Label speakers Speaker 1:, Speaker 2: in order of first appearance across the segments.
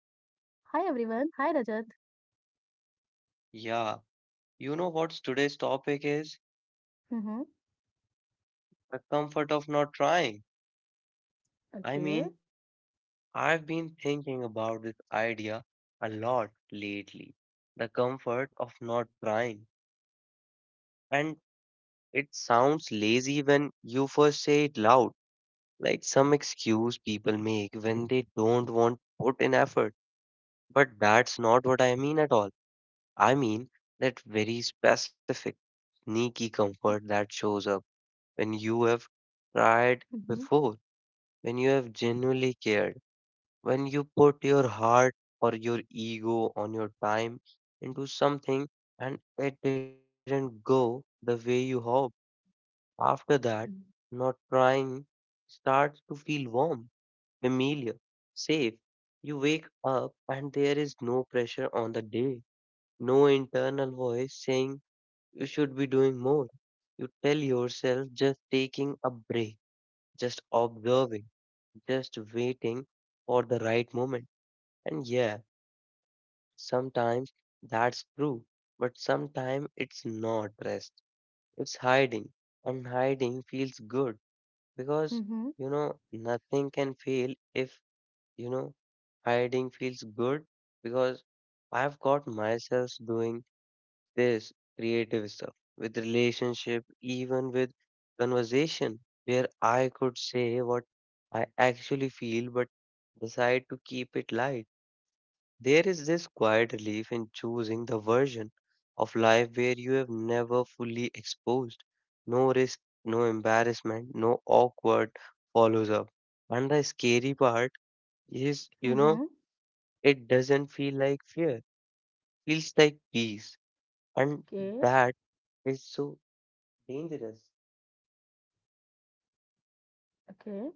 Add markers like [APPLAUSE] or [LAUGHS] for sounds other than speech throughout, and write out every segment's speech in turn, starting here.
Speaker 1: Hi everyone. Hi Rajat. Mm-hmm. Okay. Mm-hmm. Mm-hmm. Mm-hmm. Okay. Okay.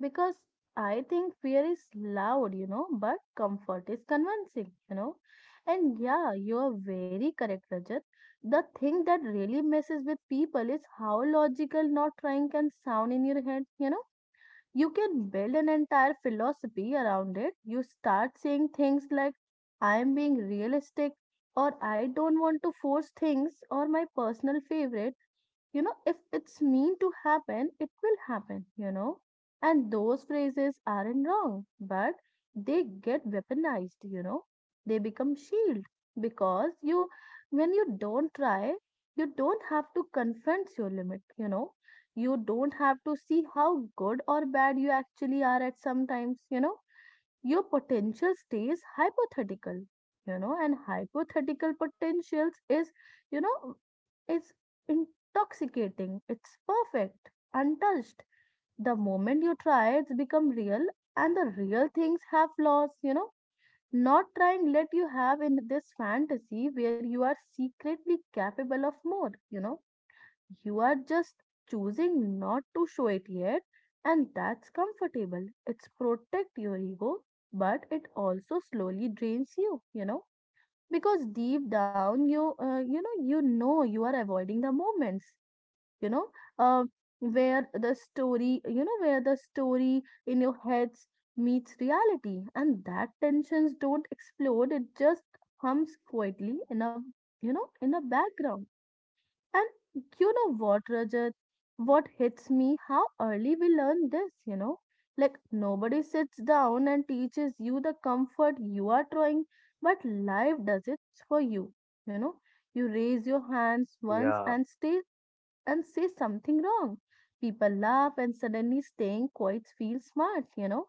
Speaker 1: Because I think fear is loud, but comfort is convincing. And yeah, you are very correct, Rajat. The thing that really messes with people is how logical not trying can sound in your head, you know. You can build an entire philosophy around it. You start saying things like, I am being realistic, or I don't want to force things, or my personal favorite if it's mean to happen, it will happen. And those phrases aren't wrong, but they get weaponized. They become shield because you, when you don't try, you don't have to confront your limit, you know. You don't have to see how good or bad you actually are at sometimes. Your potential stays hypothetical and hypothetical potentials is you know it's intoxicating, it's perfect, untouched. The moment you try, it's become real, and the real things have flaws. Not trying let you have in this fantasy where you are secretly capable of more. You are just choosing not to show it yet, and that's comfortable. It's protect your ego, but it also slowly drains you, because deep down you know you are avoiding the moments, you know, uh, where the story in your heads meets reality, and that tensions don't explode. It just hums quietly in a background and Rajat? What hits me, how early we learn this, Like nobody sits down and teaches you the comfort you are trying, but life does it for you, you know? You raise your hands once and stay and say something wrong. People laugh, and suddenly staying quite feels smart, you know?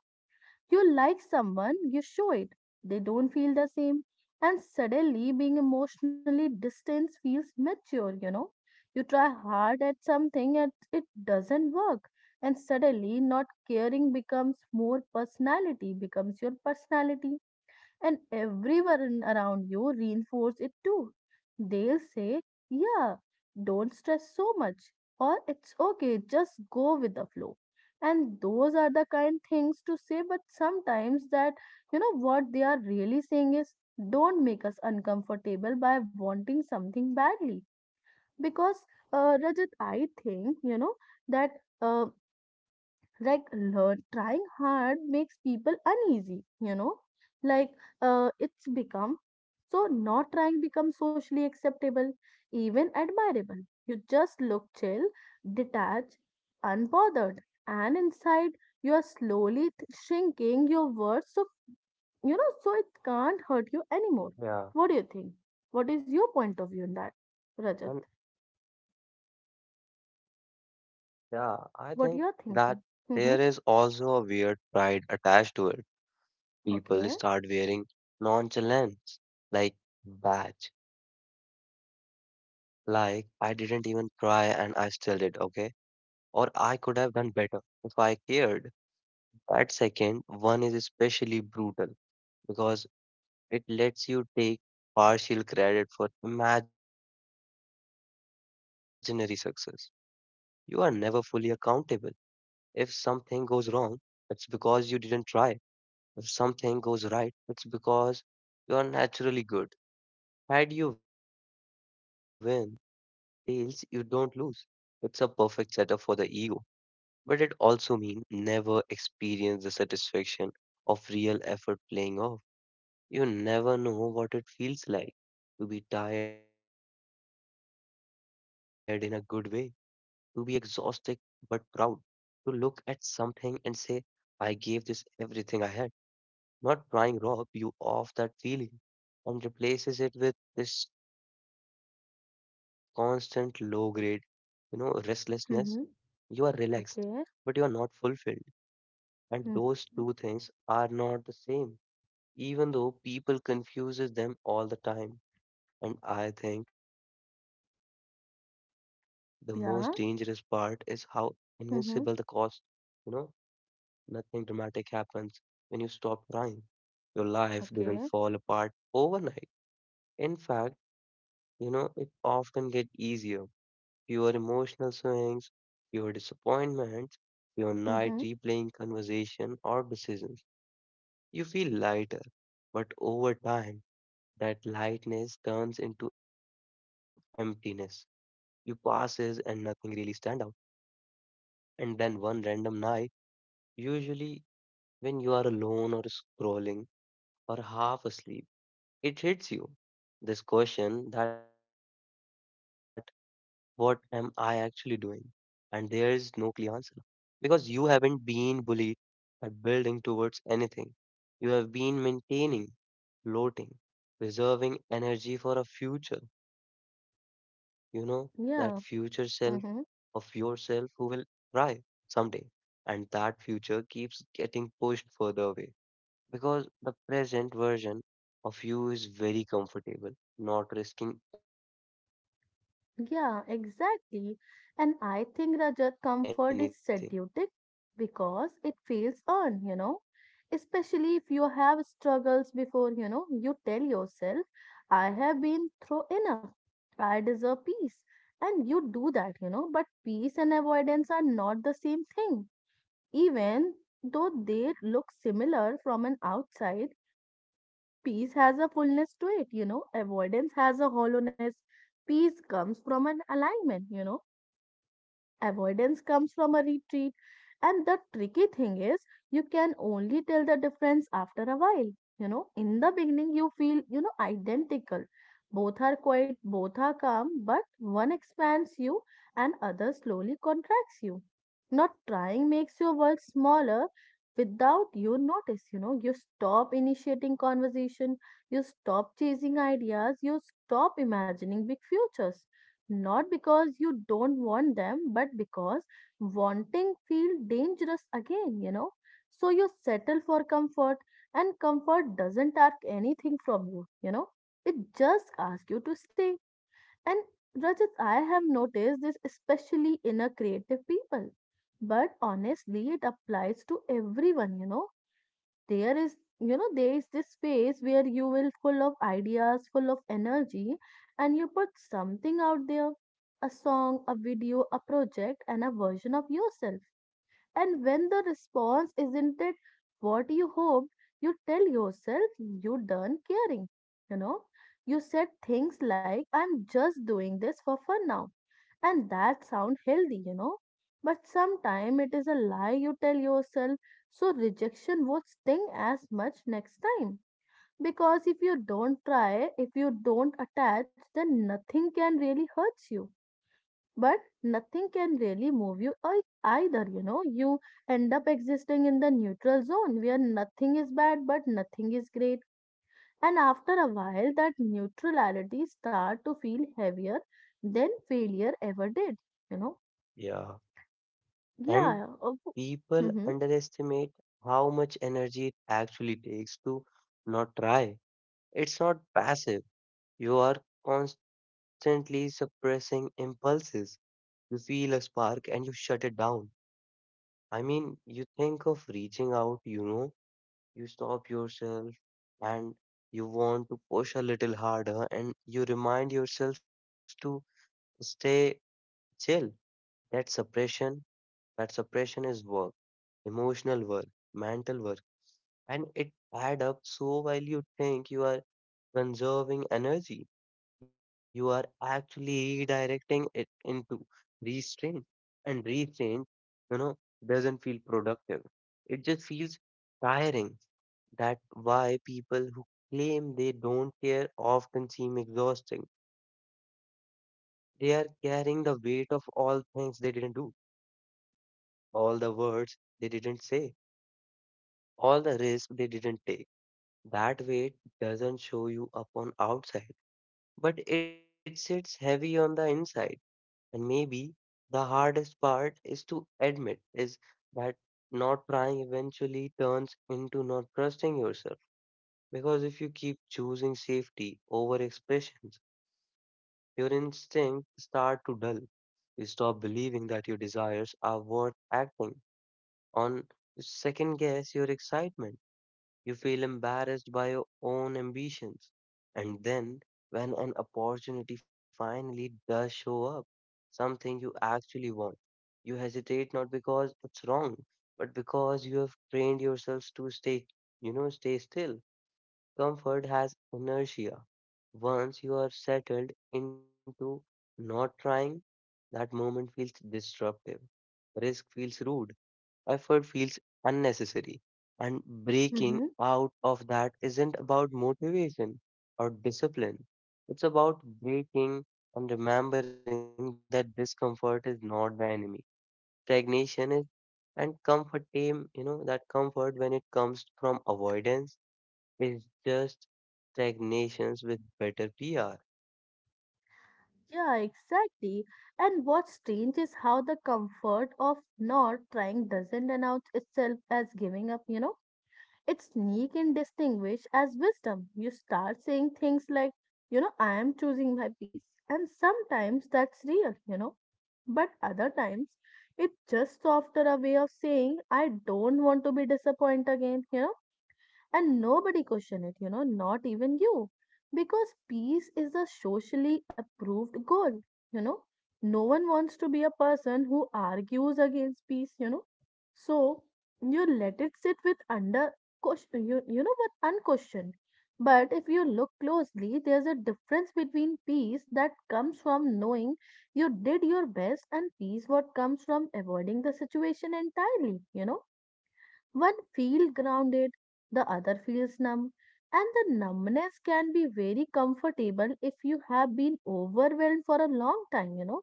Speaker 1: You like someone, you show it. They don't feel the same. And suddenly, being emotionally distant feels mature, you know. You try hard at something and it doesn't work. And suddenly, not caring becomes more personality, becomes your personality, and everyone around you reinforce it too. They'll say, yeah, don't stress so much, or it's okay, just go with the flow. And those are the kind things to say, but sometimes what they are really saying is, don't make us uncomfortable by wanting something badly. Because, Rajat, I think, that. Uh, like learn trying hard makes people uneasy, like, it's become so not trying becomes socially acceptable, even admirable. You just look chill, detached, unbothered, and inside you are slowly shrinking your worth so so it can't hurt you anymore. What do you think? What is your point of view on that, Rajat? What you are thinking? Mm-hmm. Okay. Mm-hmm. Okay. Hmm. Yeah. Mm-hmm. Okay. Mm-hmm. Yeah. Mm-hmm. Yeah, exactly. And I think, Rajat, comfort is seductive because it feels earned, Especially if you have struggles before, you tell yourself, I have been through enough. I deserve peace. And you do that, but peace and avoidance are not the same thing. Even though they look similar from an outside, peace has a fullness to it, Avoidance has a hollowness. Peace comes from an alignment, avoidance comes from a retreat. And the tricky thing is, you can only tell the difference after a while. In the beginning, you feel, identical. Both are quiet, both are calm, but one expands you and other slowly contracts you. Not trying makes your world smaller without you notice. You stop initiating conversation, you stop chasing ideas, you stop imagining big futures, not because you don't want them, but because wanting feel dangerous again, So you settle for comfort, and comfort doesn't ask anything from you, you know. It just asks you to stay. And Rajat, I have noticed this especially in a creative people, but honestly, it applies to everyone, there is there is this space where you will full of ideas, full of energy, and you put something out there, a song, a video, a project, and a version of yourself. And when the response isn't it what you hoped, you tell yourself you done caring, you know you said things like, I'm just doing this for fun now. And that sound healthy, But sometime it is a lie you tell yourself, so rejection won't sting as much next time. Because if you don't try, if you don't attach, then nothing can really hurt you. But nothing can really move you either, you know. You end up existing in the neutral zone where nothing is bad but nothing is great. And after a while, that neutrality start to feel heavier than failure ever did, you know. Yeah, of mm-hmm, mm-hmm. Yeah, exactly. And what's strange is how the comfort of not trying doesn't announce itself as giving up, It sneak and distinguish as wisdom. You start saying things like, I am choosing my peace. And sometimes that's real, But other times, it's just softer a way of saying, I don't want to be disappointed again, and nobody questioned it, not even you. Because peace is a socially approved goal, you know. No one wants to be a person who argues against peace, So you let it sit with under question, unquestioned. But if you look closely, there's a difference between peace that comes from knowing you did your best and peace what comes from avoiding the situation entirely, one feels grounded, the other feels numb, and the numbness can be very comfortable if you have been overwhelmed for a long time,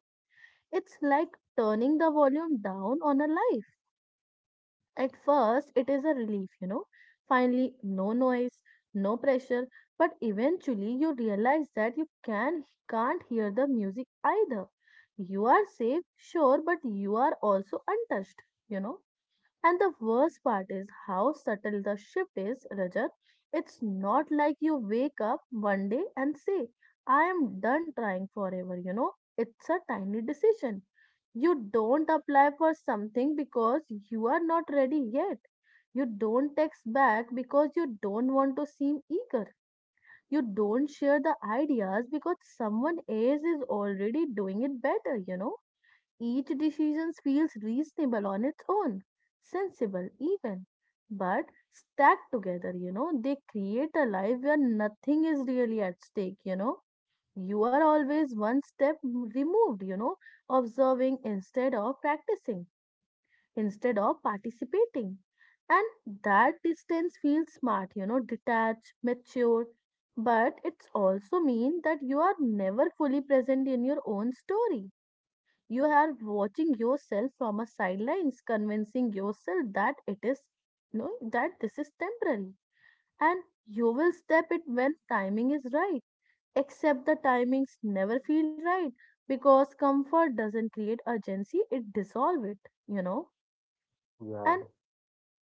Speaker 1: It's like turning the volume down on a life. At first, it is a relief, Finally, no noise, no pressure, but eventually you realize that you can't hear the music either. You are safe, sure, but you are also untouched, you know and the worst part is how subtle the shift is, Rajat. It's not like you wake up one day and say, I am done trying forever, It's a tiny decision. You don't apply for something because you are not ready yet. You don't text back because you don't want to seem eager. You don't share the ideas because someone else is already doing it better, Each decision feels reasonable on its own, sensible even, but stacked together, they create a life where nothing is really at stake, you know. You are always one step removed, observing instead of practicing, instead of participating. And that distance feels smart, detached, mature, but it's also mean that you are never fully present in your own story. You are watching yourself from a sidelines, convincing yourself that it is, you know, that this is temporary, and you will step it when timing is right. Except the timings never feel right because comfort doesn't create urgency; it dissolves it. You know, and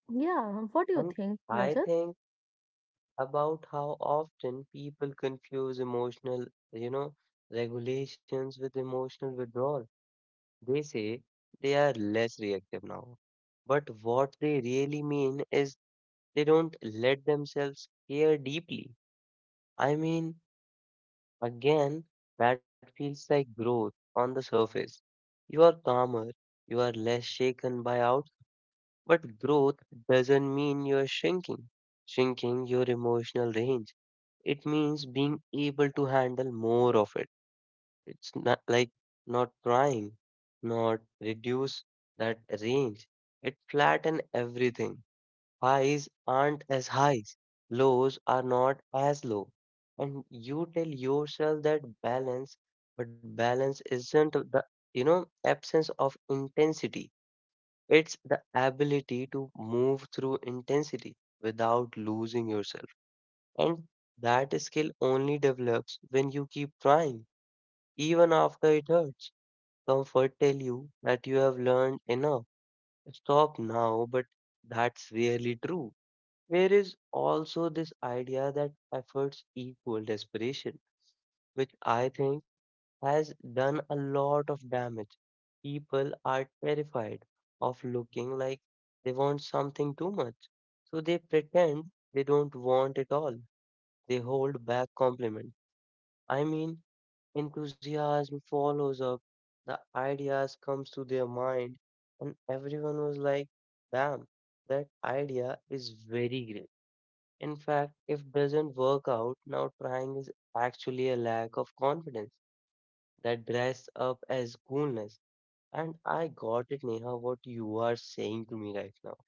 Speaker 1: yeah, what do you think, Rajat?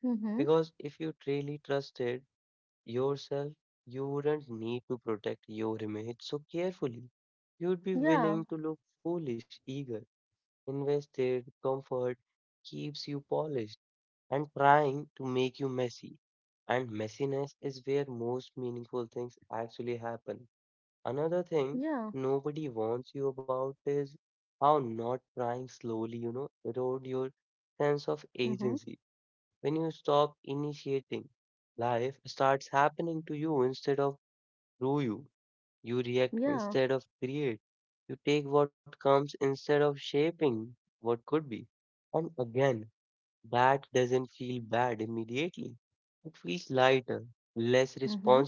Speaker 1: Mm-hmm. Yeah, yeah, mm-hmm. Yeah, mm-hmm.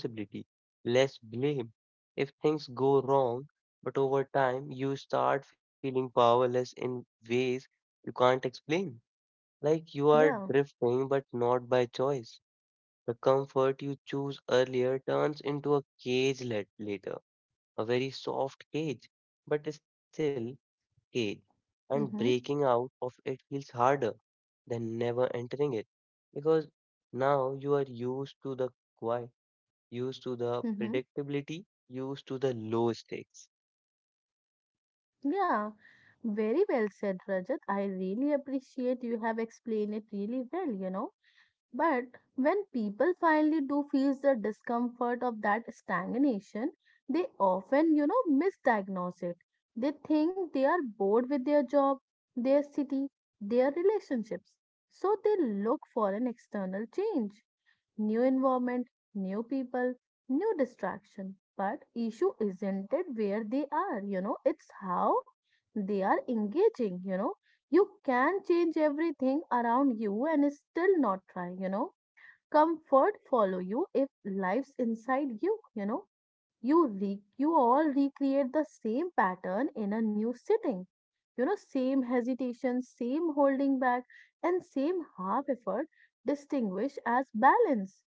Speaker 1: Yeah, mm-hmm. Mm-hmm. Yeah, very well said, Rajat. I really appreciate you have explained it really well, But when people finally do feel the discomfort of that stagnation, they often, misdiagnose it. They think they are bored with their job, their city, their relationships. So they look for an external change, new environment, new people, new distraction. But issue isn't it where they are, it's how they are engaging, you can change everything around you and still not try, Comfort follow you if life's inside you, you know. You you all recreate the same pattern in a new sitting. Same hesitation, same holding back, and same half effort distinguish as balance.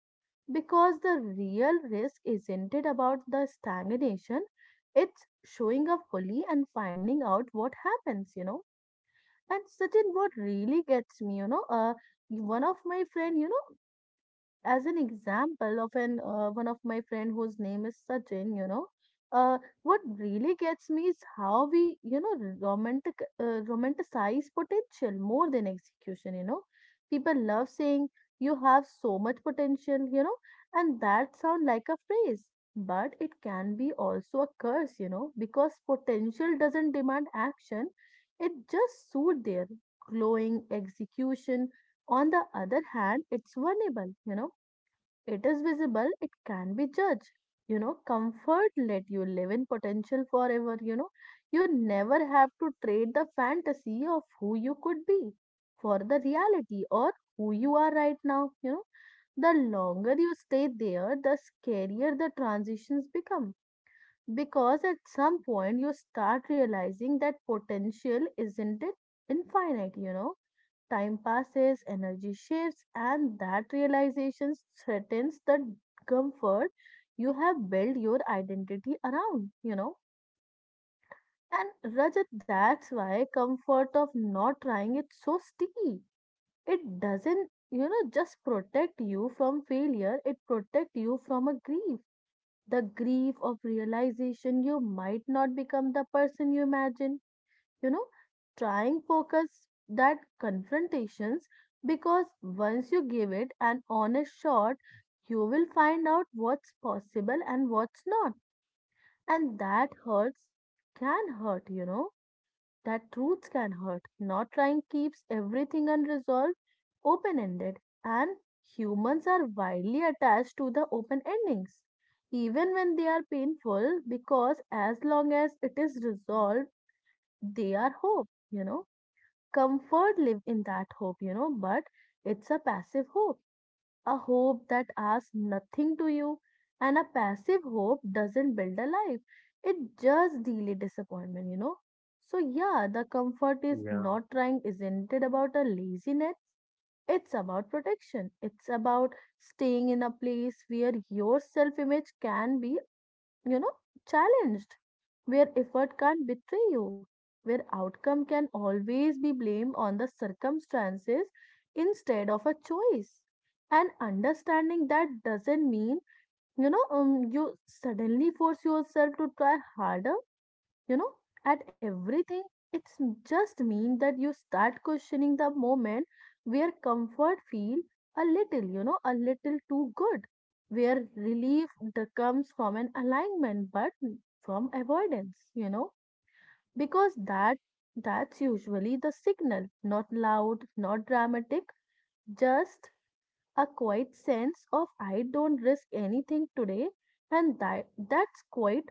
Speaker 1: Because the real risk isn't it about the stagnation, it's showing up fully and finding out what happens, and Satin, what really gets me, one of my friend, you know, as an example of an one of my friend whose name is Sachin, what really gets me is how we, romanticize potential more than execution. People love saying you have so much potential, and that sound like a phrase, but it can be also a curse, because potential doesn't demand action; it just suit their glowing execution. On the other hand, it's vulnerable, it is visible, it can be judged. Comfort let you live in potential forever. You never have to trade the fantasy of who you could be for the reality or who you are right now. The longer you stay there, the scarier the transitions become. Because at some point you start realizing that potential isn't it infinite, time passes, energy shifts, and that realization threatens the comfort you have built your identity around. And Rajat, that's why comfort of not trying it so sticky. It doesn't just protect you from failure, it protects you from a grief. The grief of realization you might not become the person you imagine you know Trying focus that confrontations because once you give it an honest shot you will find out what's possible and what's not, and that hurts, can hurt. That truths can hurt. Not trying keeps everything unresolved, open ended, and humans are widely attached to the open endings even when they are painful, because as long as it is resolved they are hope. Comfort live in that hope, but it's a passive hope, a hope that asks nothing to you. And a passive hope doesn't build a life, it just delay disappointment. So, yeah, the
Speaker 2: Yeah,
Speaker 1: comfort is not trying, isn't it about a laziness? It's about protection. It's about staying in a place where your self image can be you know, challenged, where effort can't betray you, where outcome can always be blamed on the circumstances instead of a choice. And understanding that doesn't mean, you suddenly force yourself to try harder you know at everything. It's just mean that you start questioning the moment where comfort feel a little, a little too good, where relief that comes from an alignment but from avoidance, because that's usually the signal, not loud, not dramatic, just a quiet sense of I don't risk anything today, and that's quite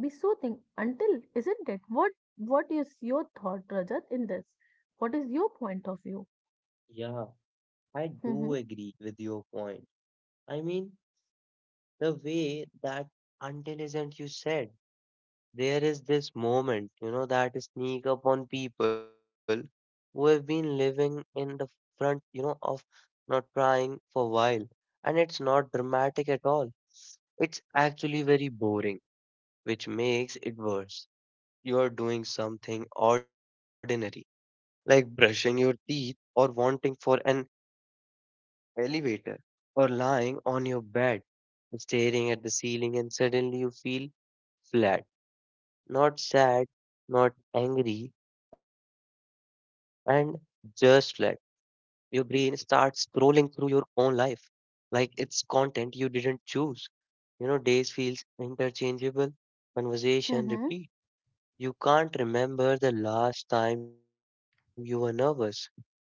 Speaker 1: be soothing until isn't it? What is your thought, Rajat, in this? What is your point of view?
Speaker 2: yeah, I do
Speaker 1: Mm-hmm.
Speaker 2: agree with your point. I mean, the way that intelligent you said, there is this moment, that sneak up on people who have been living in the front, of not crying for a while. And it's not dramatic at all. It's actually very boring, which makes it worse. You are doing something ordinary, like brushing your teeth or wanting for an elevator, or lying on your bed, staring at the ceiling, and suddenly you feel flat, not sad, not angry, and just flat. Your brain starts scrolling through your own life like it's content you didn't choose. You know, days feels interchangeable, conversation
Speaker 1: Mm-hmm.
Speaker 2: repeat. You can't remember the last time you were nervous in a good way.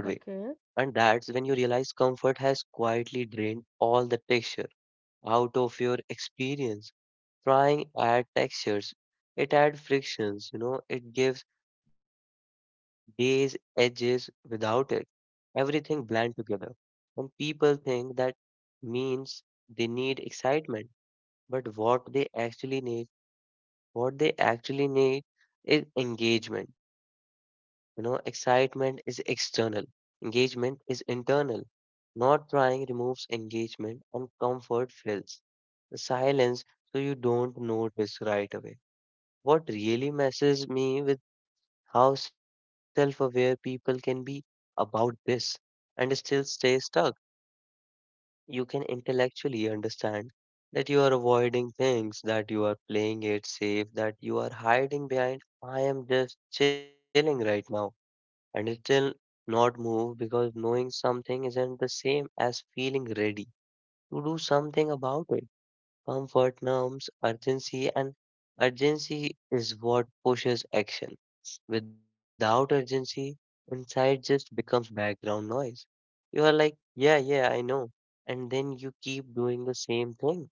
Speaker 2: And
Speaker 1: Okay.
Speaker 2: that's when you realize comfort has quietly drained all the texture out of your experience. Trying add textures, it add frictions, you know, it gives days edges. Without it, everything blend together, and people think that means they need excitement, but what they actually need is engagement. You know, excitement is external, engagement is internal. Not trying removes engagement and comfort fills the silence, so you don't notice right away. What really messes me with how self aware people can be about this and still stay stuck. You can intellectually understand that you are avoiding things, that you are playing it safe, that you are hiding behind, I am just chilling right now, and it still not move because knowing something isn't the same as feeling ready to do something about it. Comfort numbs urgency, and urgency is what pushes action. Without urgency, insight just becomes background noise. You are like, yeah, yeah, I know. And then you keep doing the same thing.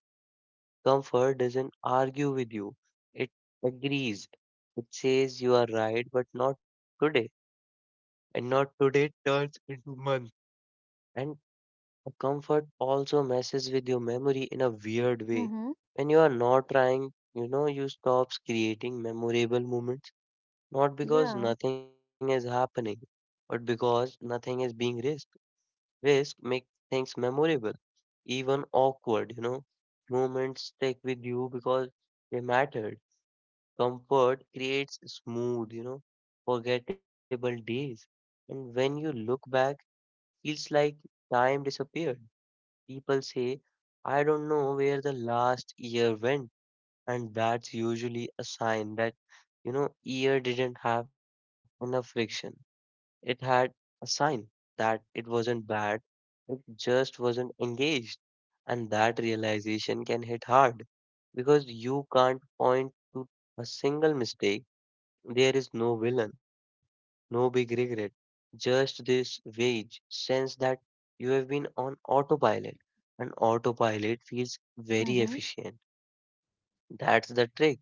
Speaker 2: Comfort doesn't argue with you, it agrees. It says you are right, but not today. And not today turns into month. And comfort also messes with your memory in a weird way.
Speaker 1: Mm-hmm.
Speaker 2: When you are not trying, you know, you stops creating memorable moments, not because
Speaker 1: Yeah.
Speaker 2: nothing is happening, but because nothing is being risked. Risk make things memorable, even awkward, you know. Moments stick with you because they mattered. Comfort creates smooth, you know, forgettable days. And when you look back, feels like time disappeared. People say, I don't know where the last year went, and that's usually a sign that, you know, year didn't have enough friction. It had a sign that it wasn't bad, it just wasn't engaged. And that realization can hit hard because you can't point to a single mistake. There is no villain, no big regret, just this vague sense that you have been on autopilot. And autopilot feels very
Speaker 1: Mm-hmm.
Speaker 2: efficient. That's the trick.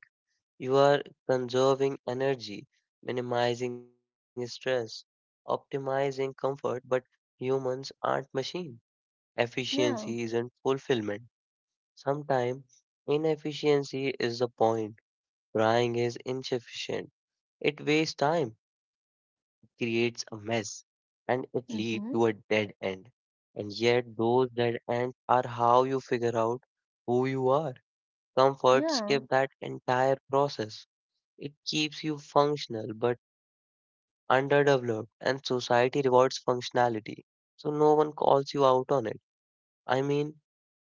Speaker 2: You are conserving energy, minimizing stress, optimizing comfort, but humans aren't machine.
Speaker 1: Yeah.
Speaker 2: Efficiency isn't fulfillment. Sometimes inefficiency is the point. Crying is insufficient. It wastes time, creates a mess, and it leads to a
Speaker 1: Mm-hmm.
Speaker 2: dead end. And yet, those dead ends are how you figure out who you are. Comfort
Speaker 1: Yeah.
Speaker 2: skip that entire process. It keeps you functional but underdeveloped, and society rewards functionality. So, no one calls you out on it. I mean,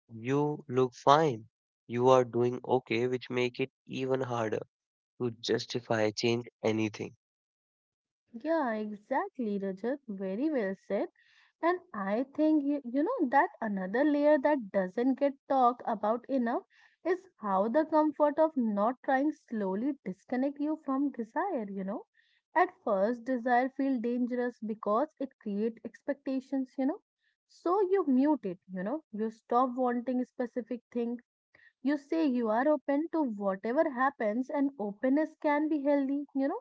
Speaker 2: you look fine. You are doing okay, which make it even harder to justify change anything.
Speaker 1: Yeah, exactly, Rajat. Very well said. And I think, that another layer that doesn't get talked about enough is how the comfort of not trying slowly disconnect you from desire. At first, desire feels dangerous because it creates expectations. So you mute it, you know. You stop wanting specific things. You say you are open to whatever happens and openness can be healthy,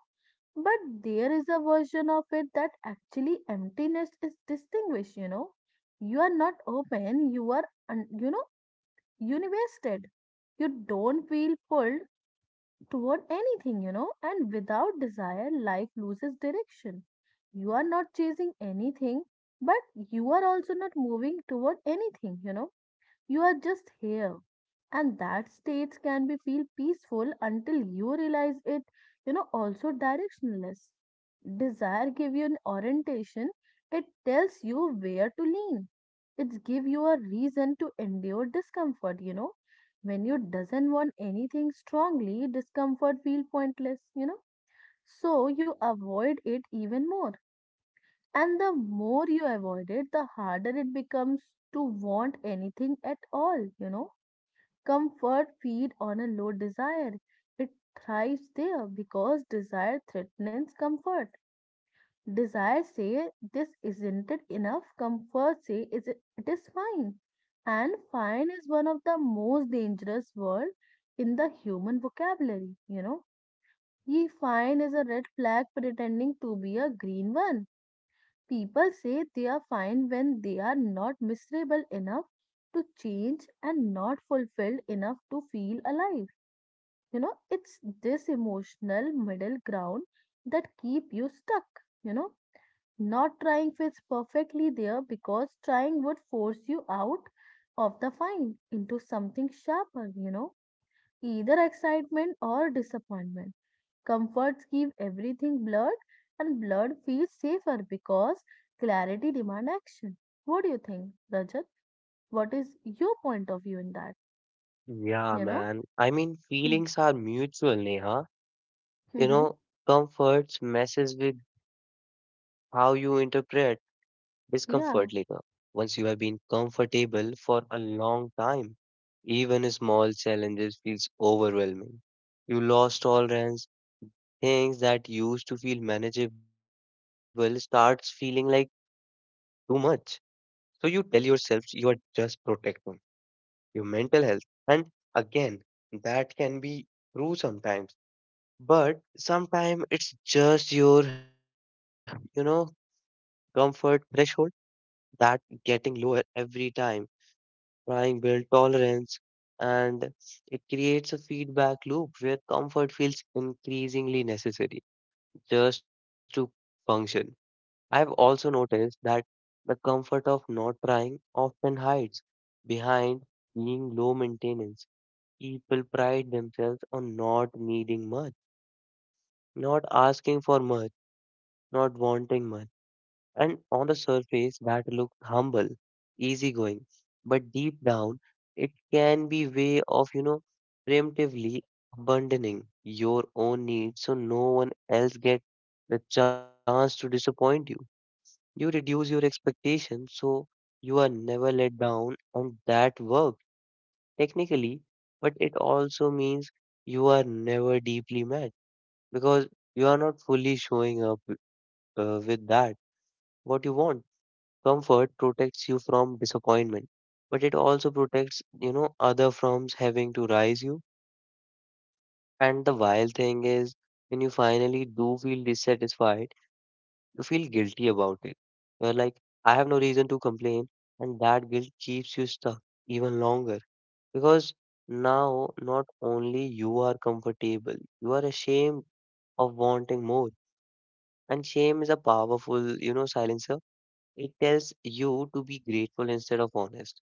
Speaker 1: but there is a version of it that actually emptiness is distinguished. You are not open, you are un- you know universed. You don't feel pulled toward anything, and without desire life loses direction. You are not chasing anything, but you are also not moving toward anything. You are just here. And that states can be feel peaceful until you realize it, also directionless. Desire give you an orientation. It tells you where to lean. It give you a reason to endure discomfort. When you doesn't want anything strongly, discomfort feel pointless. So you avoid it even more. And the more you avoid it, the harder it becomes to want anything at all. Comfort feed on a low desire. It thrives there because desire threatens comfort. Desire say this isn't it enough. Comfort say is it it is fine. And fine is one of the most dangerous word in the human vocabulary. Ye fine is a red flag pretending to be a green one. People say they are fine when they are not miserable enough to change and not fulfilled enough to feel alive. It's this emotional middle ground that keep you stuck. Not trying fits perfectly there because trying would force you out of the fine into something sharper, either excitement or disappointment. Comforts keep everything blurred, and blurred feels safer because clarity demand action. What do you think, Rajat? What is your point of view in that?
Speaker 2: Yeah,
Speaker 1: you know
Speaker 2: man. I mean,
Speaker 1: [LAUGHS]
Speaker 2: feelings are mutual, Neha. You
Speaker 1: mm-hmm.
Speaker 2: know, comforts messes with how you interpret discomfort later.
Speaker 1: yeah
Speaker 2: Once you have been comfortable for a long time, even small challenges feels overwhelming. You lost tolerance, things that used to feel manageable starts feeling like too much. So you tell yourself you are just protecting your mental health. And again, that can be true sometimes. But sometimes it's just your, you know, comfort threshold that getting lower every time, trying build tolerance, and it creates a feedback loop where comfort feels increasingly necessary just to function. I've also noticed that the comfort of not trying often hides behind being low maintenance. People pride themselves on not needing much, not asking for much, not wanting much. And on the surface, that looks humble, easygoing. But deep down, it can be way of, you know, preemptively abandoning your own needs so no one else gets the chance to disappoint you. You reduce your expectations so you are never let down, and that works technically, but it also means you are never deeply mad because you are not fully showing up with that what you want. Comfort protects you from disappointment, but it also protects, you know, other firms having to rise you. And the wild thing is, when you finally do feel dissatisfied, you feel guilty about it. You're like, I have no reason to complain, and that guilt keeps you stuck even longer because now not only you are comfortable, you are ashamed of wanting more. And shame is a powerful, you know, silencer. It tells you to be grateful instead of honest.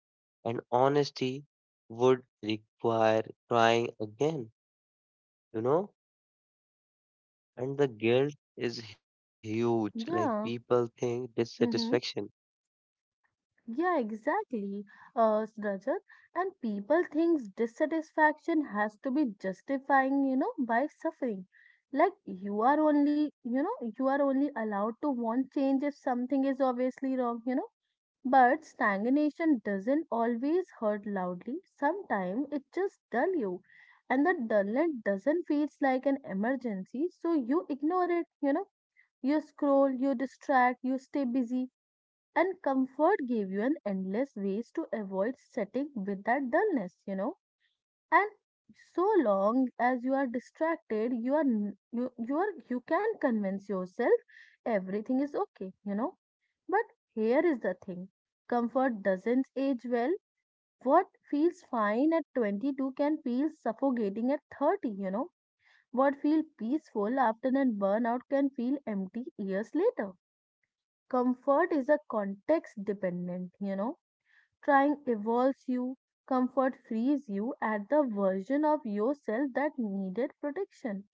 Speaker 2: And honesty would require trying again, you know? And the guilt is huge. Like people
Speaker 1: yeah
Speaker 2: think
Speaker 1: hmm
Speaker 2: dissatisfaction.
Speaker 1: Yeah, exactly, Rajat. And people think dissatisfaction has to be justifying by suffering. Like you are you are only allowed to want change if something is obviously wrong, But stagnation doesn't always hurt loudly. Sometimes it just dull you, and the dullness doesn't feels like an emergency, so you ignore it, you know. You scroll, you distract, you stay busy and comfort gave you an endless ways to avoid setting with that dullness. And so long as you are distracted, you can convince yourself everything is okay, But here is the thing. Comfort doesn't age well. What feels fine at 22 can feel suffocating at 30, What feels peaceful after a burnout can feel empty years later. Comfort is a context dependent, Trying evolves you, comfort frees you at the version of yourself that needed protection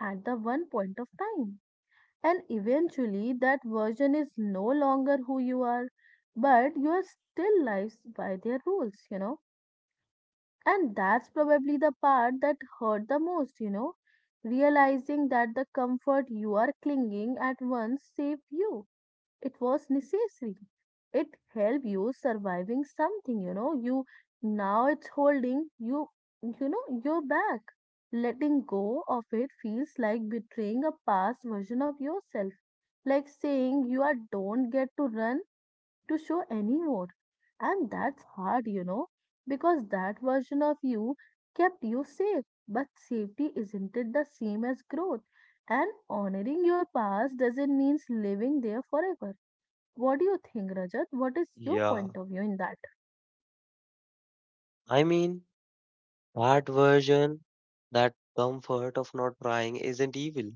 Speaker 1: at the one point of time. And eventually, that version is no longer who you are, but you are still lives by their rules, And that's probably the part that hurt the most, Realizing that the comfort you are clinging at once saved you, it was necessary. It helped you surviving something, you know. You now it's holding you, you're back. Letting go of it feels like betraying a past version of yourself, like saying you are don't get to run to show anymore. And that's hard, because that version of you kept you safe. But safety isn't it the same as growth? And honoring your past doesn't mean living there forever. What do you think, Rajat? What is your
Speaker 2: Yeah.
Speaker 1: point of view in that?
Speaker 2: I mean, that version, that comfort of not trying isn't evil.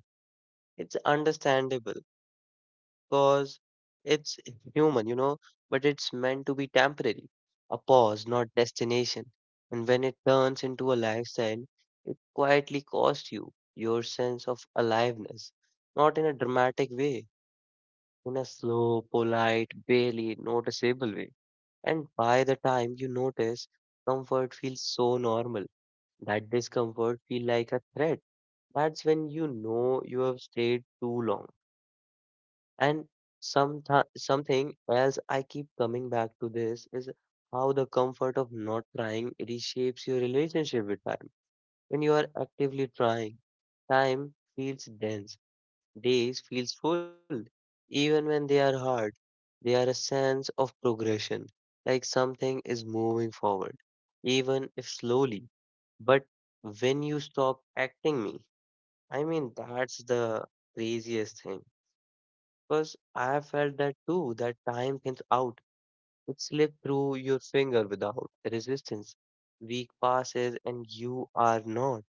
Speaker 2: It's understandable because it's human, you know, but it's meant to be temporary, a pause, not destination. And when it turns into a lifestyle, it quietly costs you your sense of aliveness, not in a dramatic way, in a slow, polite, barely noticeable way. And by the time you notice, comfort feels so normal that discomfort feels like a threat. That's when you know you have stayed too long. And sometimes something else I keep coming back to this is how the comfort of not trying reshapes your relationship with time. When you are actively trying, time feels dense, days feels full. Even when they are hard, they are a sense of progression, like something is moving forward, even if slowly. But when you stop acting me, I mean that's the craziest thing because I have felt that too, that time thins out. It slips through your finger without resistance. Week passes and you are not,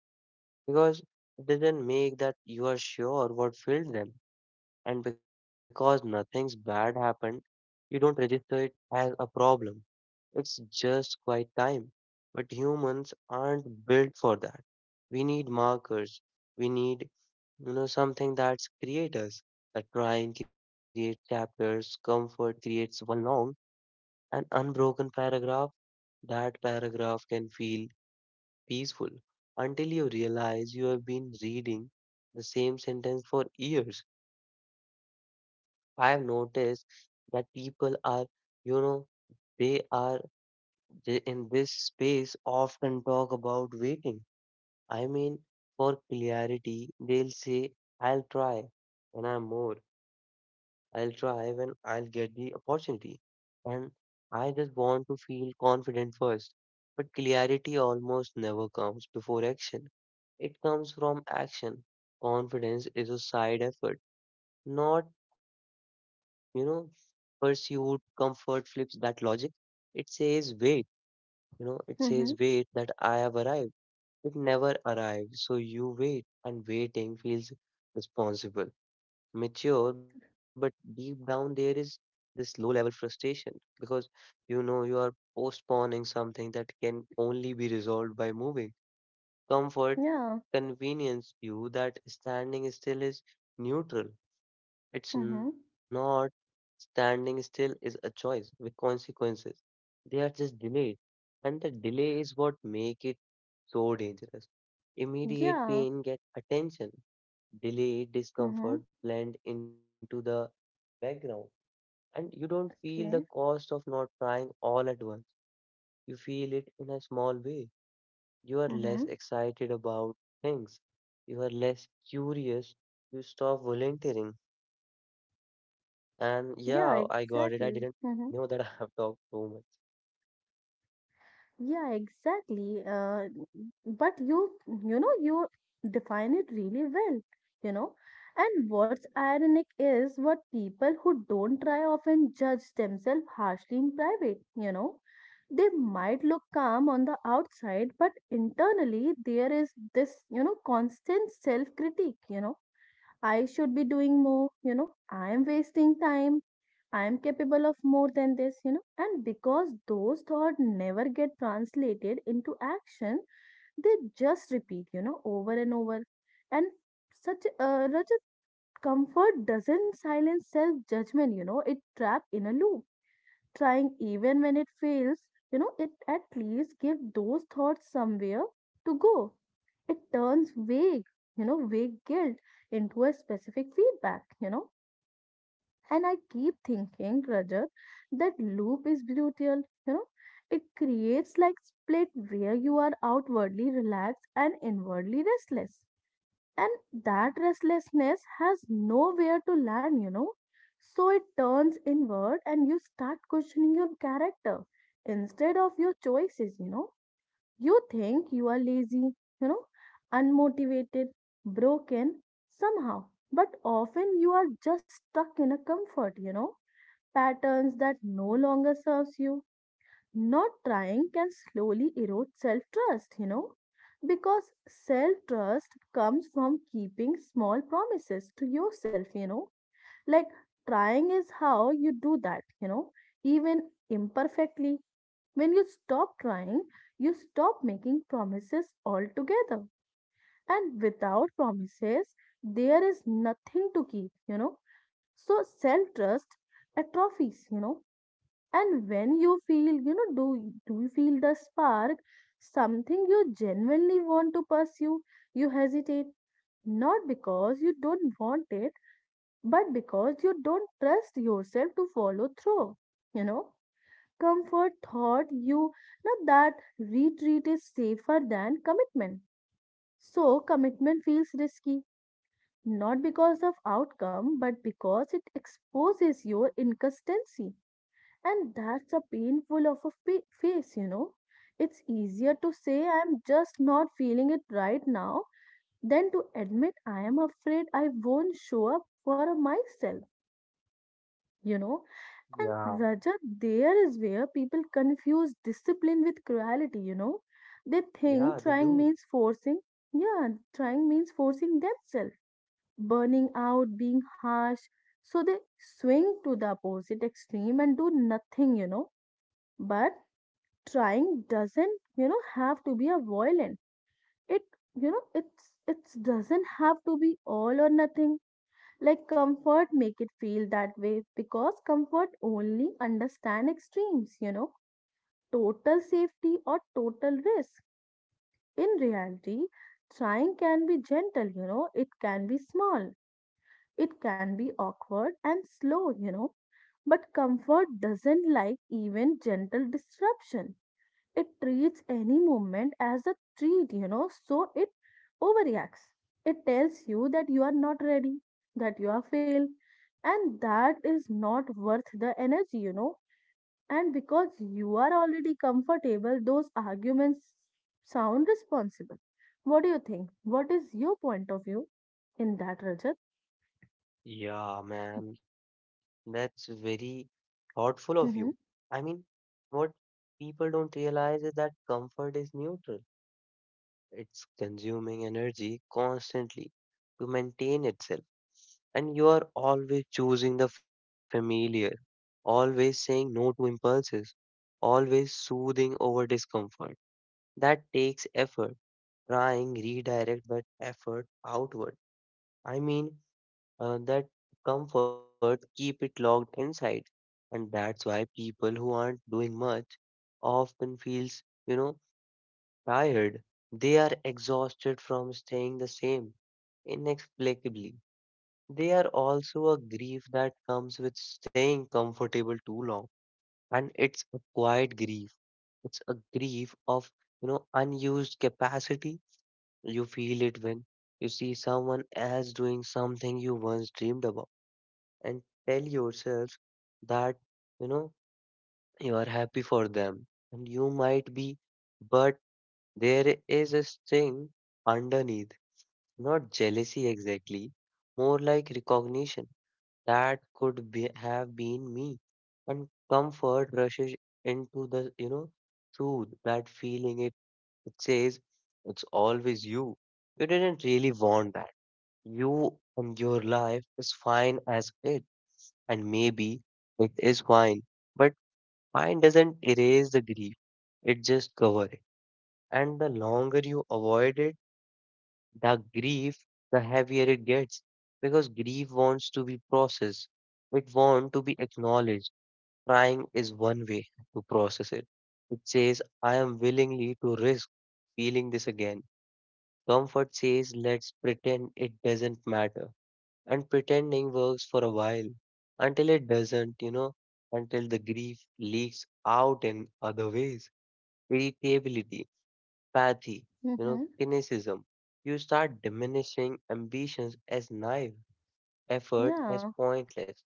Speaker 2: because it doesn't make that you are sure what filled them. And because nothing's bad happened, you don't register it as a problem. It's just quiet time. But humans aren't built for that. We need markers. We need, you know, something that's creators. A trying creates chapters. Comfort creates one long and unbroken paragraph. That paragraph can feel peaceful until you realize you have been reading the same sentence for years. I have noticed that people are, you know, they are in this space often talk about waiting. I mean, for clarity, they'll say, I'll try when I'm more, I'll try when I'll get the opportunity. And I just want to feel confident first. But clarity almost never comes before action, it comes from action. Confidence is a side effort, not, you know, pursued. Comfort flips that logic. It says, wait. You know, it says,
Speaker 1: Mm-hmm.
Speaker 2: wait, that I have arrived. It never arrived, so you wait, and waiting feels responsible, mature, but deep down there is this low level frustration because you know you are postponing something that can only be resolved by moving. Comfort
Speaker 1: Yeah.
Speaker 2: convenience you that standing still is neutral.
Speaker 1: Mm-hmm.
Speaker 2: It's not. Standing still is a choice with consequences. They are just delayed, and the delay is what make it so dangerous. Immediate
Speaker 1: Yeah.
Speaker 2: pain gets attention, delayed
Speaker 1: Mm-hmm.
Speaker 2: discomfort blend into the background, and you don't feel the
Speaker 1: Okay.
Speaker 2: cost of not trying all at once. You feel it in a small way. You are less
Speaker 1: Mm-hmm.
Speaker 2: excited about things, you are less curious, you stop volunteering. And yeah, I got it.
Speaker 1: Yeah,
Speaker 2: I didn't
Speaker 1: exactly.
Speaker 2: know
Speaker 1: Mm-hmm.
Speaker 2: that [LAUGHS] I have talked so much.
Speaker 1: Yeah, exactly. But you define it really well, you know. And what's ironic is what people who don't try often judge themselves harshly in private, They might look calm on the outside, but internally there is this constant self-critique, I should be doing more, I am wasting time, I am capable of more than this, and because those thoughts never get translated into action, they just repeat over and over. And such a Rajat, comfort doesn't silence self judgment, it trap in a loop. Trying even when it fails, it at least gives those thoughts somewhere to go. It turns vague, vague guilt into a specific feedback. And I keep thinking, Rajat, that loop is brutal, It creates like split where you are outwardly relaxed and inwardly restless and that restlessness has nowhere to land, So it turns inward and you start questioning your character instead of your choices, you know. You think you are lazy, you know, unmotivated, broken somehow, but often you are just stuck in a comfort, patterns that no longer serves you. Not trying can slowly erode self trust, because self trust comes from keeping small promises to yourself, Like trying is how you do that, even imperfectly. When you stop trying, you stop making promises altogether. And without promises, there is nothing to keep, So self trust atrophies, and when you feel you know do you feel the spark, something you genuinely want to pursue, you hesitate not because you don't want it but because you don't trust yourself to follow through, you know comfort thought you that retreat is safer than commitment, so commitment feels risky not because of outcome but because it exposes your inconsistency. And that's a painful of a face, It's easier to say I'm just not feeling it right now than to admit I am afraid I won't show up for myself, you know. And
Speaker 2: Yeah,
Speaker 1: Rajat, there is where people confuse discipline with cruelty, They
Speaker 2: yeah,
Speaker 1: think
Speaker 2: they
Speaker 1: trying
Speaker 2: do.
Speaker 1: means forcing. Yeah, trying means forcing themselves, burning out, being harsh. So they swing to the opposite extreme and do nothing, But trying doesn't have to be a violent, it it's doesn't have to be all or nothing. Like comfort make it feel that way because comfort only understand extremes, total safety or total risk. In reality trying can be gentle, it can be small, it can be awkward and slow, but comfort doesn't like even gentle disruption. It treats any movement as a treat, so it overreacts. It tells you that you are not ready, that you are failed, and that is not worth the energy, And because you are already comfortable, those arguments sound responsible. What do you think? What is your point of view in that, Rajat?
Speaker 2: Yeah, man, that's very thoughtful of you.
Speaker 1: Mm-hmm.
Speaker 2: I mean, what people don't realize is that comfort is neutral. It's consuming energy constantly to maintain itself. And you are always choosing the familiar, always saying no to impulses, always soothing over discomfort. That takes effort, trying redirect but effort outward. I mean, that comfort keep it locked inside, and that's why people who aren't doing much often feels, you know, tired. They are exhausted from staying the same inexplicably. They are also a grief that comes with staying comfortable too long, and it's a quiet grief. It's a grief of, you know, unused capacity. You feel it when you see someone else doing something you once dreamed about, and tell yourself that, you know, you are happy for them, and you might be, but there is a sting underneath, not jealousy exactly, more like recognition that could be, have been me. And comfort rushes into the, you know, through that feeling. It says it's always you, you didn't really want that you, and your life is fine as it. And maybe it is wine, but wine doesn't erase the grief, it just covers it. And the longer you avoid it, the grief, the heavier it gets, because grief wants to be processed, it wants to be acknowledged. Crying is one way to process it. It says, I am willingly to risk feeling this again. Comfort says, let's pretend it doesn't matter, and pretending works for a while until it doesn't, you know, until the grief leaks out in other ways. Irritability, apathy, you know,
Speaker 1: Mm-hmm.
Speaker 2: cynicism. You start diminishing ambitions as naive, effort
Speaker 1: Yeah,
Speaker 2: as pointless.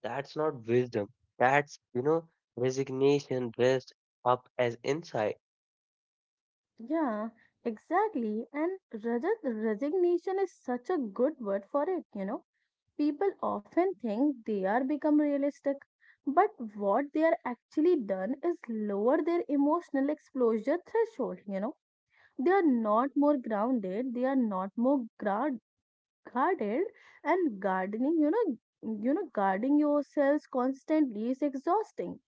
Speaker 2: That's not wisdom. That's, you know, resignation dressed up as insight.
Speaker 1: yeah, exactly. And Rajat, resignation is such a good word for it, People often think they are become realistic, but what they are actually done is lower their emotional exposure threshold, They are not more grounded, they are not more guarded and gardening, guarding yourselves constantly is exhausting.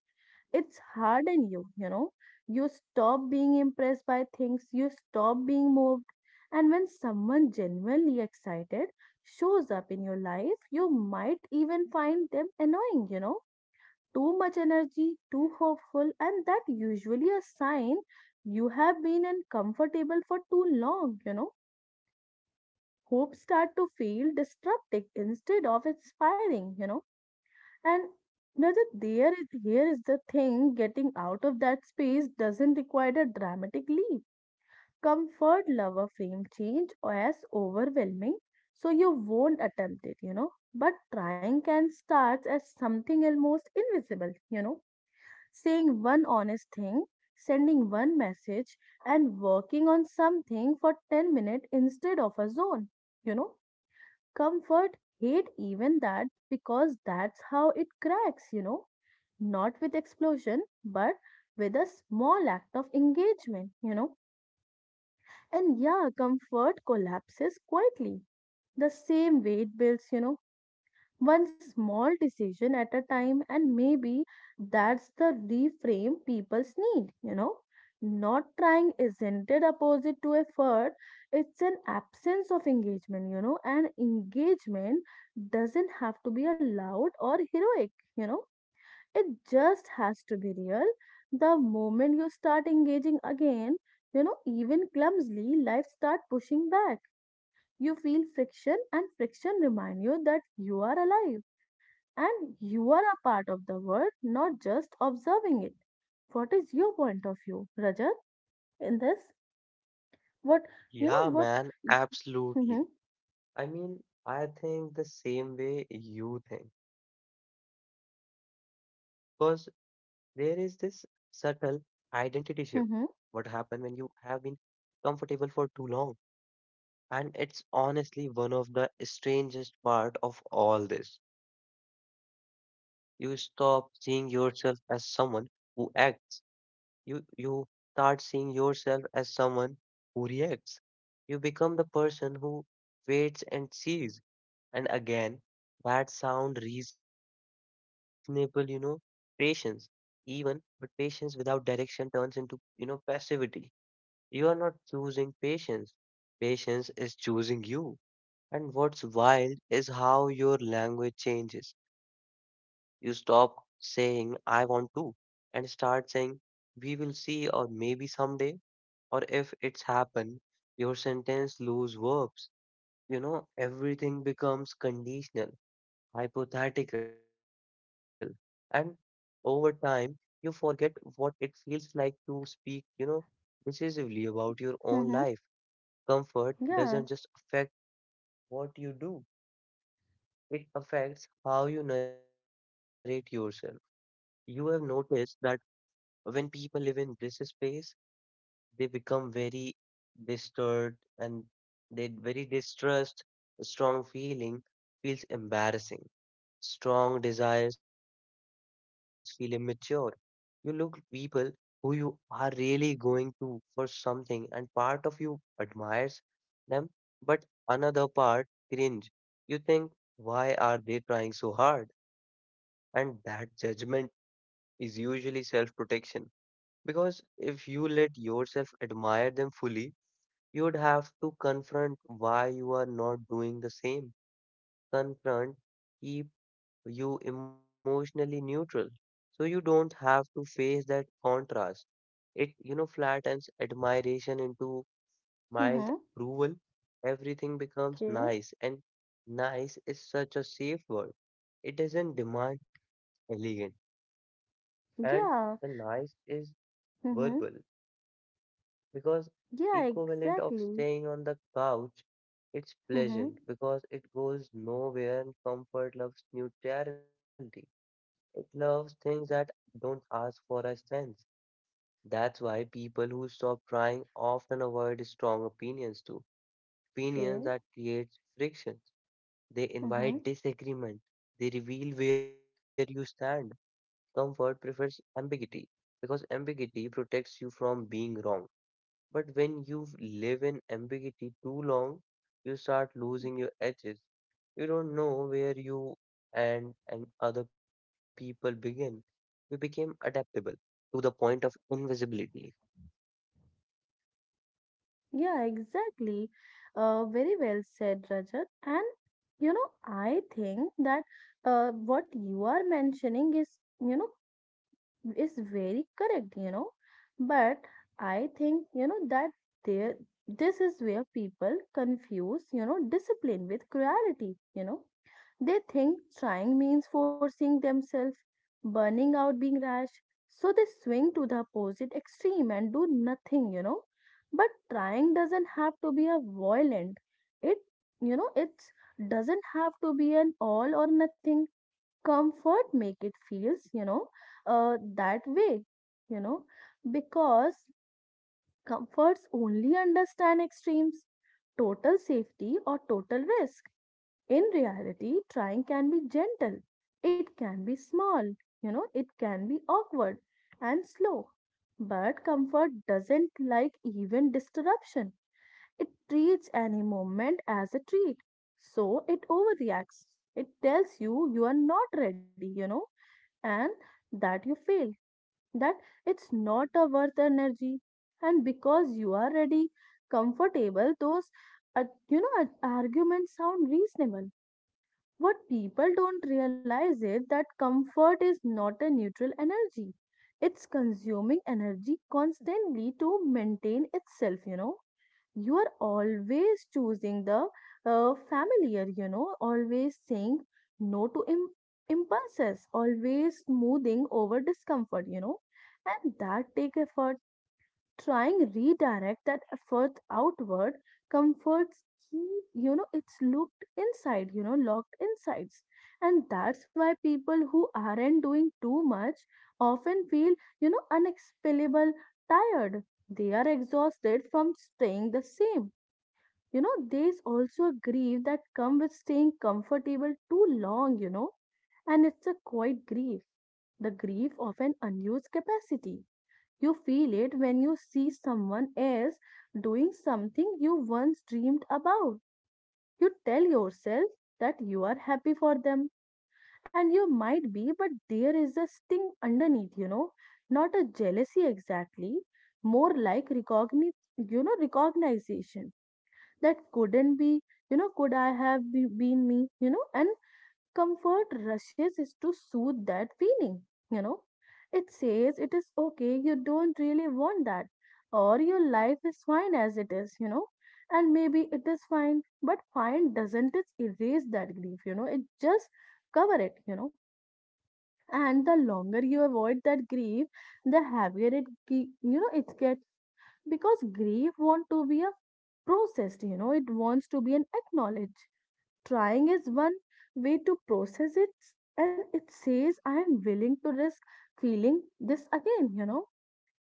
Speaker 1: It's hard in you you know You stop being impressed by things, you stop being moved, and when someone genuinely excited shows up in your life, you might even find them annoying, too much energy, too hopeful, and that usually a sign you have been uncomfortable for too long. Hope start to feel destructive instead of inspiring, and another there is here is the thing, getting out of that space doesn't require a dramatic leap. Comfort lover frame change as overwhelming, so you won't attempt it, But trying can start as something almost invisible, Saying one honest thing, sending one message, and working on something for 10 minutes instead of a zone, you know. Comfort hate even that because that's how it cracks, not with explosion, but with a small act of engagement, And yeah, comfort collapses quietly. The same weight builds, one small decision at a time, and maybe that's the reframe people's need, Not trying isn't it opposite to effort, it's an absence of engagement, and engagement doesn't have to be a loud or heroic, you know it just has to be real. The moment you start engaging again, even clumsily, life start pushing back. You feel friction, and friction remind you that you are alive and you are a part of the world, not just observing it. What is your point of view, Rajat, in this? What?
Speaker 2: Yeah,
Speaker 1: What?
Speaker 2: man,
Speaker 1: Mm-hmm,
Speaker 2: absolutely. I mean, I think the same way you think. Because there is this subtle identity shift what happens
Speaker 1: mm-hmm,
Speaker 2: when you have been comfortable for too long, and it's honestly one of the strangest part of all this. You stop seeing yourself as someone who acts. You start seeing yourself as someone who reacts. You become the person who waits and sees. And again, that sound reasonable, you know, patience, even, but patience without direction turns into, you know, passivity. You are not choosing patience. Patience is choosing you. And what's wild is how your language changes. You stop saying, I want to, and start saying, we will see, or maybe someday, or if it's happened, your sentence lose verbs. You know, everything becomes conditional, hypothetical. And over time, you forget what it feels like to speak, you know, decisively about your own
Speaker 1: mm-hmm,
Speaker 2: life. Comfort
Speaker 1: yeah.
Speaker 2: doesn't just affect what you do, it affects how you narrate yourself. You have noticed that when people live in this space, they become very disturbed, and they very distrust a strong feeling. Feels embarrassing, strong desires feel immature. You look people who you are really going to for something, and part of you admires them, but another part cringe. You think, why are they trying so hard? And that judgment is usually self protection, because if you let yourself admire them fully, you would have to confront why you are not doing the same. Confront keep you emotionally neutral. So you don't have to face that contrast. It, you know, flattens admiration into mild
Speaker 1: Mm-hmm,
Speaker 2: approval. Everything becomes
Speaker 1: okay.
Speaker 2: nice, and nice is such a safe word. It doesn't demand elegant, and the
Speaker 1: Yeah.
Speaker 2: nice is verbal
Speaker 1: Mm-hmm.
Speaker 2: because
Speaker 1: Yeah.
Speaker 2: equivalent of
Speaker 1: Exactly.
Speaker 2: staying on the couch. It's
Speaker 1: Mm-hmm.
Speaker 2: pleasant because it goes nowhere, and comfort loves neutrality. It loves things that don't ask for a sense. That's why people who stop trying often avoid strong opinions too. Opinions
Speaker 1: Okay.
Speaker 2: that create frictions, they
Speaker 1: Mm-hmm.
Speaker 2: invite disagreement, they reveal where you stand. Comfort prefers ambiguity, because ambiguity protects you from being wrong. But when you live in ambiguity too long, you start losing your edges. You don't know where you and other people begin. You became adaptable to the point of invisibility.
Speaker 1: Yeah, exactly. Very well said, Rajat. And, I think that what you are mentioning is, you know, is very correct, But I think, that there this is where people confuse, discipline with cruelty, They think trying means forcing themselves, burning out, being rash. So they swing to the opposite extreme and do nothing, But trying doesn't have to be a violent. It, it doesn't have to be an all or nothing. Comfort make it feels, that way, you know, because comforts only understand extremes, total safety or total risk in reality, trying can be gentle, it can be small, it can be awkward and slow. But comfort doesn't like even disruption. It treats any moment as a treat. So it overreacts. It tells you you are not ready, and that you fail that it's not a worth energy and because you are ready comfortable those uh, arguments sound reasonable. What people don't realize is that comfort is not a neutral energy. It's consuming energy constantly to maintain itself, You are always choosing the familiar, always saying no to impulses, always smoothing over discomfort, And that take effort, trying redirect that effort outward. Comforts keep it's looked inside locked insides, and that's why people who aren't doing too much often feel unexplainable tired. They are exhausted from staying the same, there's also a grief that come with staying comfortable too long, and it's a quiet grief, the grief of an unused capacity. You feel it when you see someone else doing something you once dreamed about. You tell yourself that you are happy for them, and you might be, but there is a sting underneath, not a jealousy exactly, more like recognition that couldn't be, could I have been me, and comfort rushes is to soothe that feeling, you know. It says it is okay, you don't really want that, or your life is fine as it is, And maybe it is fine, but fine doesn't it erase that grief, it just cover it, And the longer you avoid that grief, the heavier it, it gets, because grief want to be a processed it wants to be an acknowledged. Trying is one way to process it, and it says, I am willing to risk feeling this again,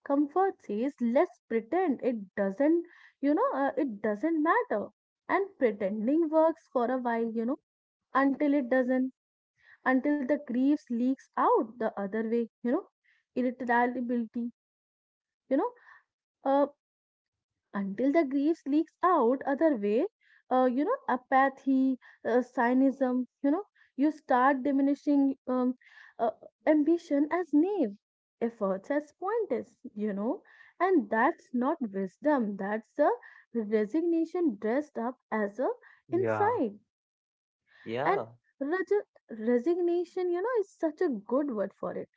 Speaker 1: Comfort says, let's pretend it doesn't, it doesn't matter. And pretending works for a while, until it doesn't, until the grief leaks out the other way, Irritability, you know, uh, until the grief leaks out other way apathy, cynism, you start diminishing uh, ambition as naive, efforts as pointless, and that's not wisdom, that's a resignation dressed up as a
Speaker 2: Yeah,
Speaker 1: insight. And
Speaker 2: yeah,
Speaker 1: reg- resignation, is such a good word for it.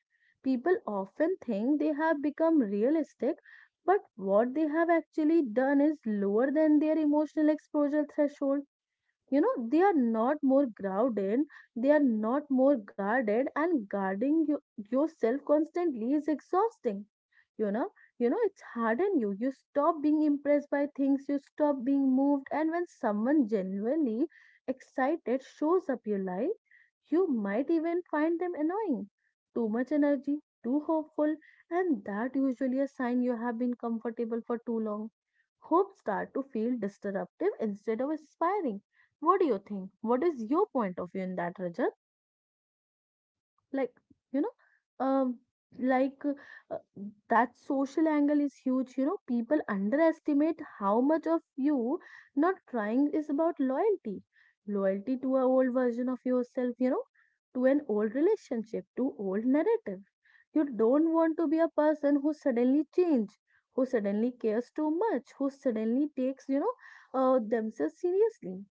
Speaker 1: People often think they have become realistic, but what they have actually done is lower than their emotional exposure threshold, they are not more grounded, they are not more guarded and yourself constantly is exhausting, you know it's harden you stop being impressed by things, you stop being moved, and when someone genuinely excited shows up your life, you might even find them annoying. Too much energy, too hopeful, and that usually a sign you have been comfortable for too long. Hope start to feel disruptive instead of inspiring. What do you think? What is your point of view in that, Rajat? Like, you know, um, like uh, uh, that social angle is huge. You know, people underestimate how much of you not trying is about loyalty, loyalty to an old version of yourself. You know, to an old relationship, to old narrative. You don't want to be a person who suddenly change, who suddenly cares too much, who suddenly takes themselves seriously.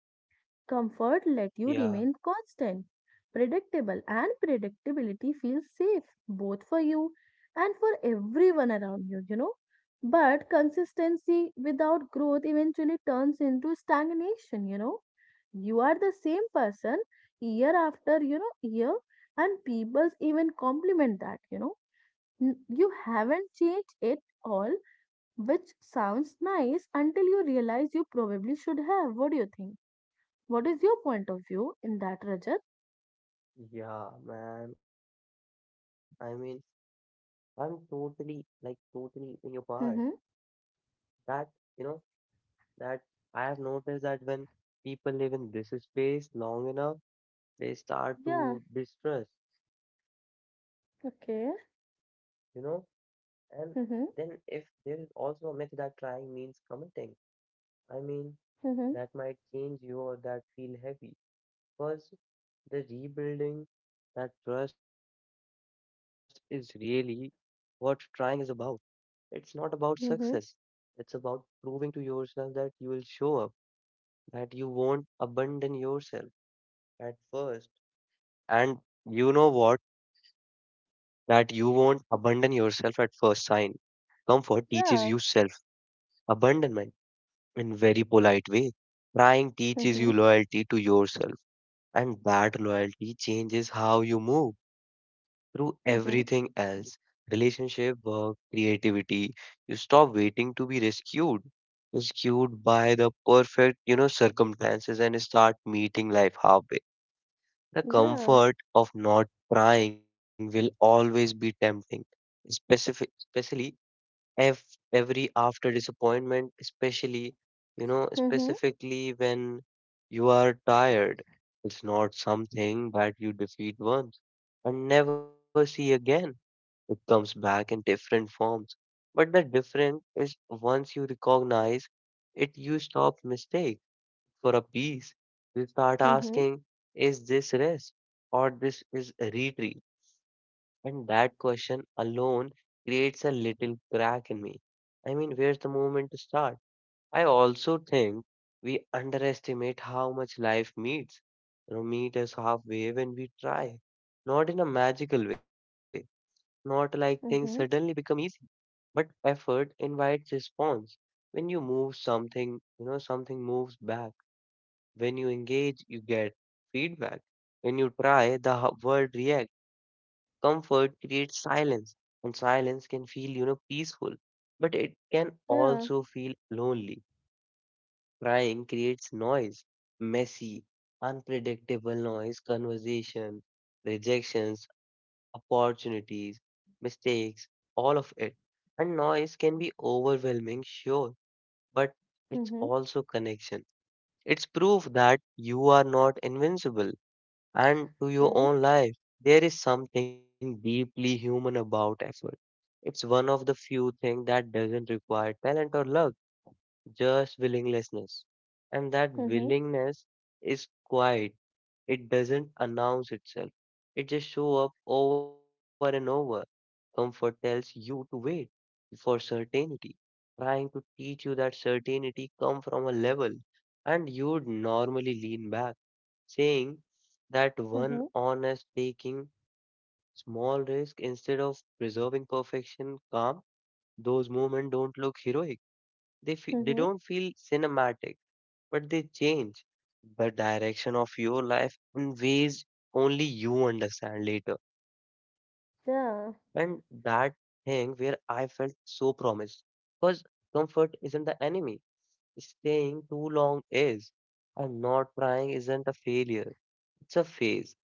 Speaker 1: Comfort let you
Speaker 2: yeah,
Speaker 1: remain constant, predictable, and predictability feels safe both for you and for everyone around you, you know. But consistency without growth eventually turns into stagnation, You are the same person year after year, and people even compliment that, You haven't changed it all, which sounds nice until you realize you probably should have. What do you think? What is your point of view in that, Rajat?
Speaker 2: yeah, man. I'm totally in your part.
Speaker 1: Mm-hmm.
Speaker 2: That, you know, that I have noticed that when people live in this space long enough, they start
Speaker 1: Yeah,
Speaker 2: to distrust. You
Speaker 1: okay.
Speaker 2: know. And then, if
Speaker 1: Mm-hmm.
Speaker 2: there is also a myth that trying means committing, I mean,
Speaker 1: Mm-hmm.
Speaker 2: that might change you, or that feel heavy. Because the rebuilding that trust is really what trying is about. It's not about success,
Speaker 1: Mm-hmm.
Speaker 2: it's about proving to yourself that you will show up, that you won't abandon yourself at first. And you know what? That you won't abandon yourself at first sign. Comfort teaches you
Speaker 1: Yeah.
Speaker 2: self abandonment in very polite way. Crying teaches
Speaker 1: Mm-hmm.
Speaker 2: you loyalty to yourself, and that loyalty changes how you move through everything
Speaker 1: Mm-hmm.
Speaker 2: else. Relationship, work, creativity. You stop waiting to be rescued, rescued by the perfect, you know, circumstances, and start meeting life halfway. The
Speaker 1: Yeah.
Speaker 2: comfort of not crying will always be tempting, specific, especially if every after disappointment, especially, you know,
Speaker 1: Mm-hmm.
Speaker 2: specifically when you are tired. It's not something that you defeat once and never see again. It comes back in different forms. But the different is, once you recognize it, you stop mistake for a piece. You start
Speaker 1: Mm-hmm.
Speaker 2: asking, is this rest or this is a retreat? And that question alone creates a little crack in me. Where's the movement to start? I also think we underestimate how much life meets. You know, meet us halfway when we try. Not in a magical way, not like things suddenly
Speaker 1: Mm-hmm.
Speaker 2: become easy, but effort invites response. When you move something, you know, something moves back. When you engage, you get feedback. When you try, the world reacts. Comfort creates silence, and silence can feel, you know, peaceful, but it can
Speaker 1: Yeah.
Speaker 2: also feel lonely. Crying creates noise, messy, unpredictable noise, conversation, rejections, opportunities, mistakes, all of it. And noise can be overwhelming, sure, but it's
Speaker 1: Mm-hmm.
Speaker 2: also connection. It's proof that you are not invincible and to your
Speaker 1: Okay.
Speaker 2: own life. There is something deeply human about effort. It's one of the few things that doesn't require talent or luck, just willingness. And that
Speaker 1: Mm-hmm.
Speaker 2: willingness is quiet. It doesn't announce itself. It just shows up over and over. Comfort tells you to wait for certainty, trying to teach you that certainty comes from a level, and you'd normally lean back saying that one
Speaker 1: Mm-hmm.
Speaker 2: honest, taking small risk instead of preserving perfection calm. Those movements don't look heroic, they
Speaker 1: Mm-hmm.
Speaker 2: don't feel cinematic, but they change the direction of your life in ways only you understand later. And that
Speaker 1: Yeah.
Speaker 2: thing where I felt so promised, because comfort isn't the enemy, staying too long is. And not trying isn't a failure, it's a phase,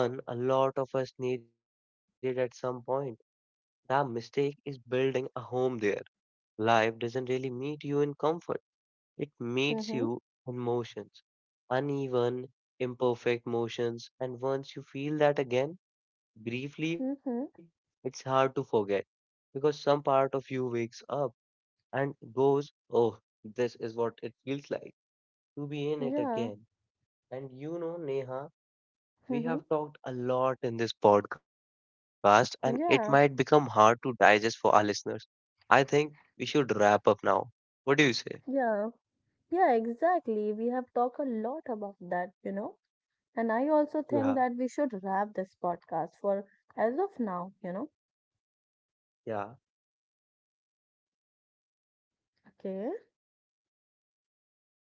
Speaker 2: one a lot of us needed at some point. The mistake is building a home there. Life doesn't really meet you in comfort, it meets
Speaker 1: Mm-hmm.
Speaker 2: you in motions, uneven, imperfect motions. And once you feel that again, briefly,
Speaker 1: Mm-hmm.
Speaker 2: it's hard to forget, because some part of you wakes up and goes, oh, this is what it feels like to be in it
Speaker 1: Yeah.
Speaker 2: again. And you know, Neha, we
Speaker 1: Mm-hmm.
Speaker 2: have talked a lot in this podcast, and it might become
Speaker 1: Yeah.
Speaker 2: hard to digest for our listeners. I think we should wrap up now. What do you say?
Speaker 1: Yeah. Yeah, exactly. We have talked a lot about that, And I also think
Speaker 2: Yeah,
Speaker 1: that we should wrap this podcast for as of now,
Speaker 2: yeah.
Speaker 1: Okay.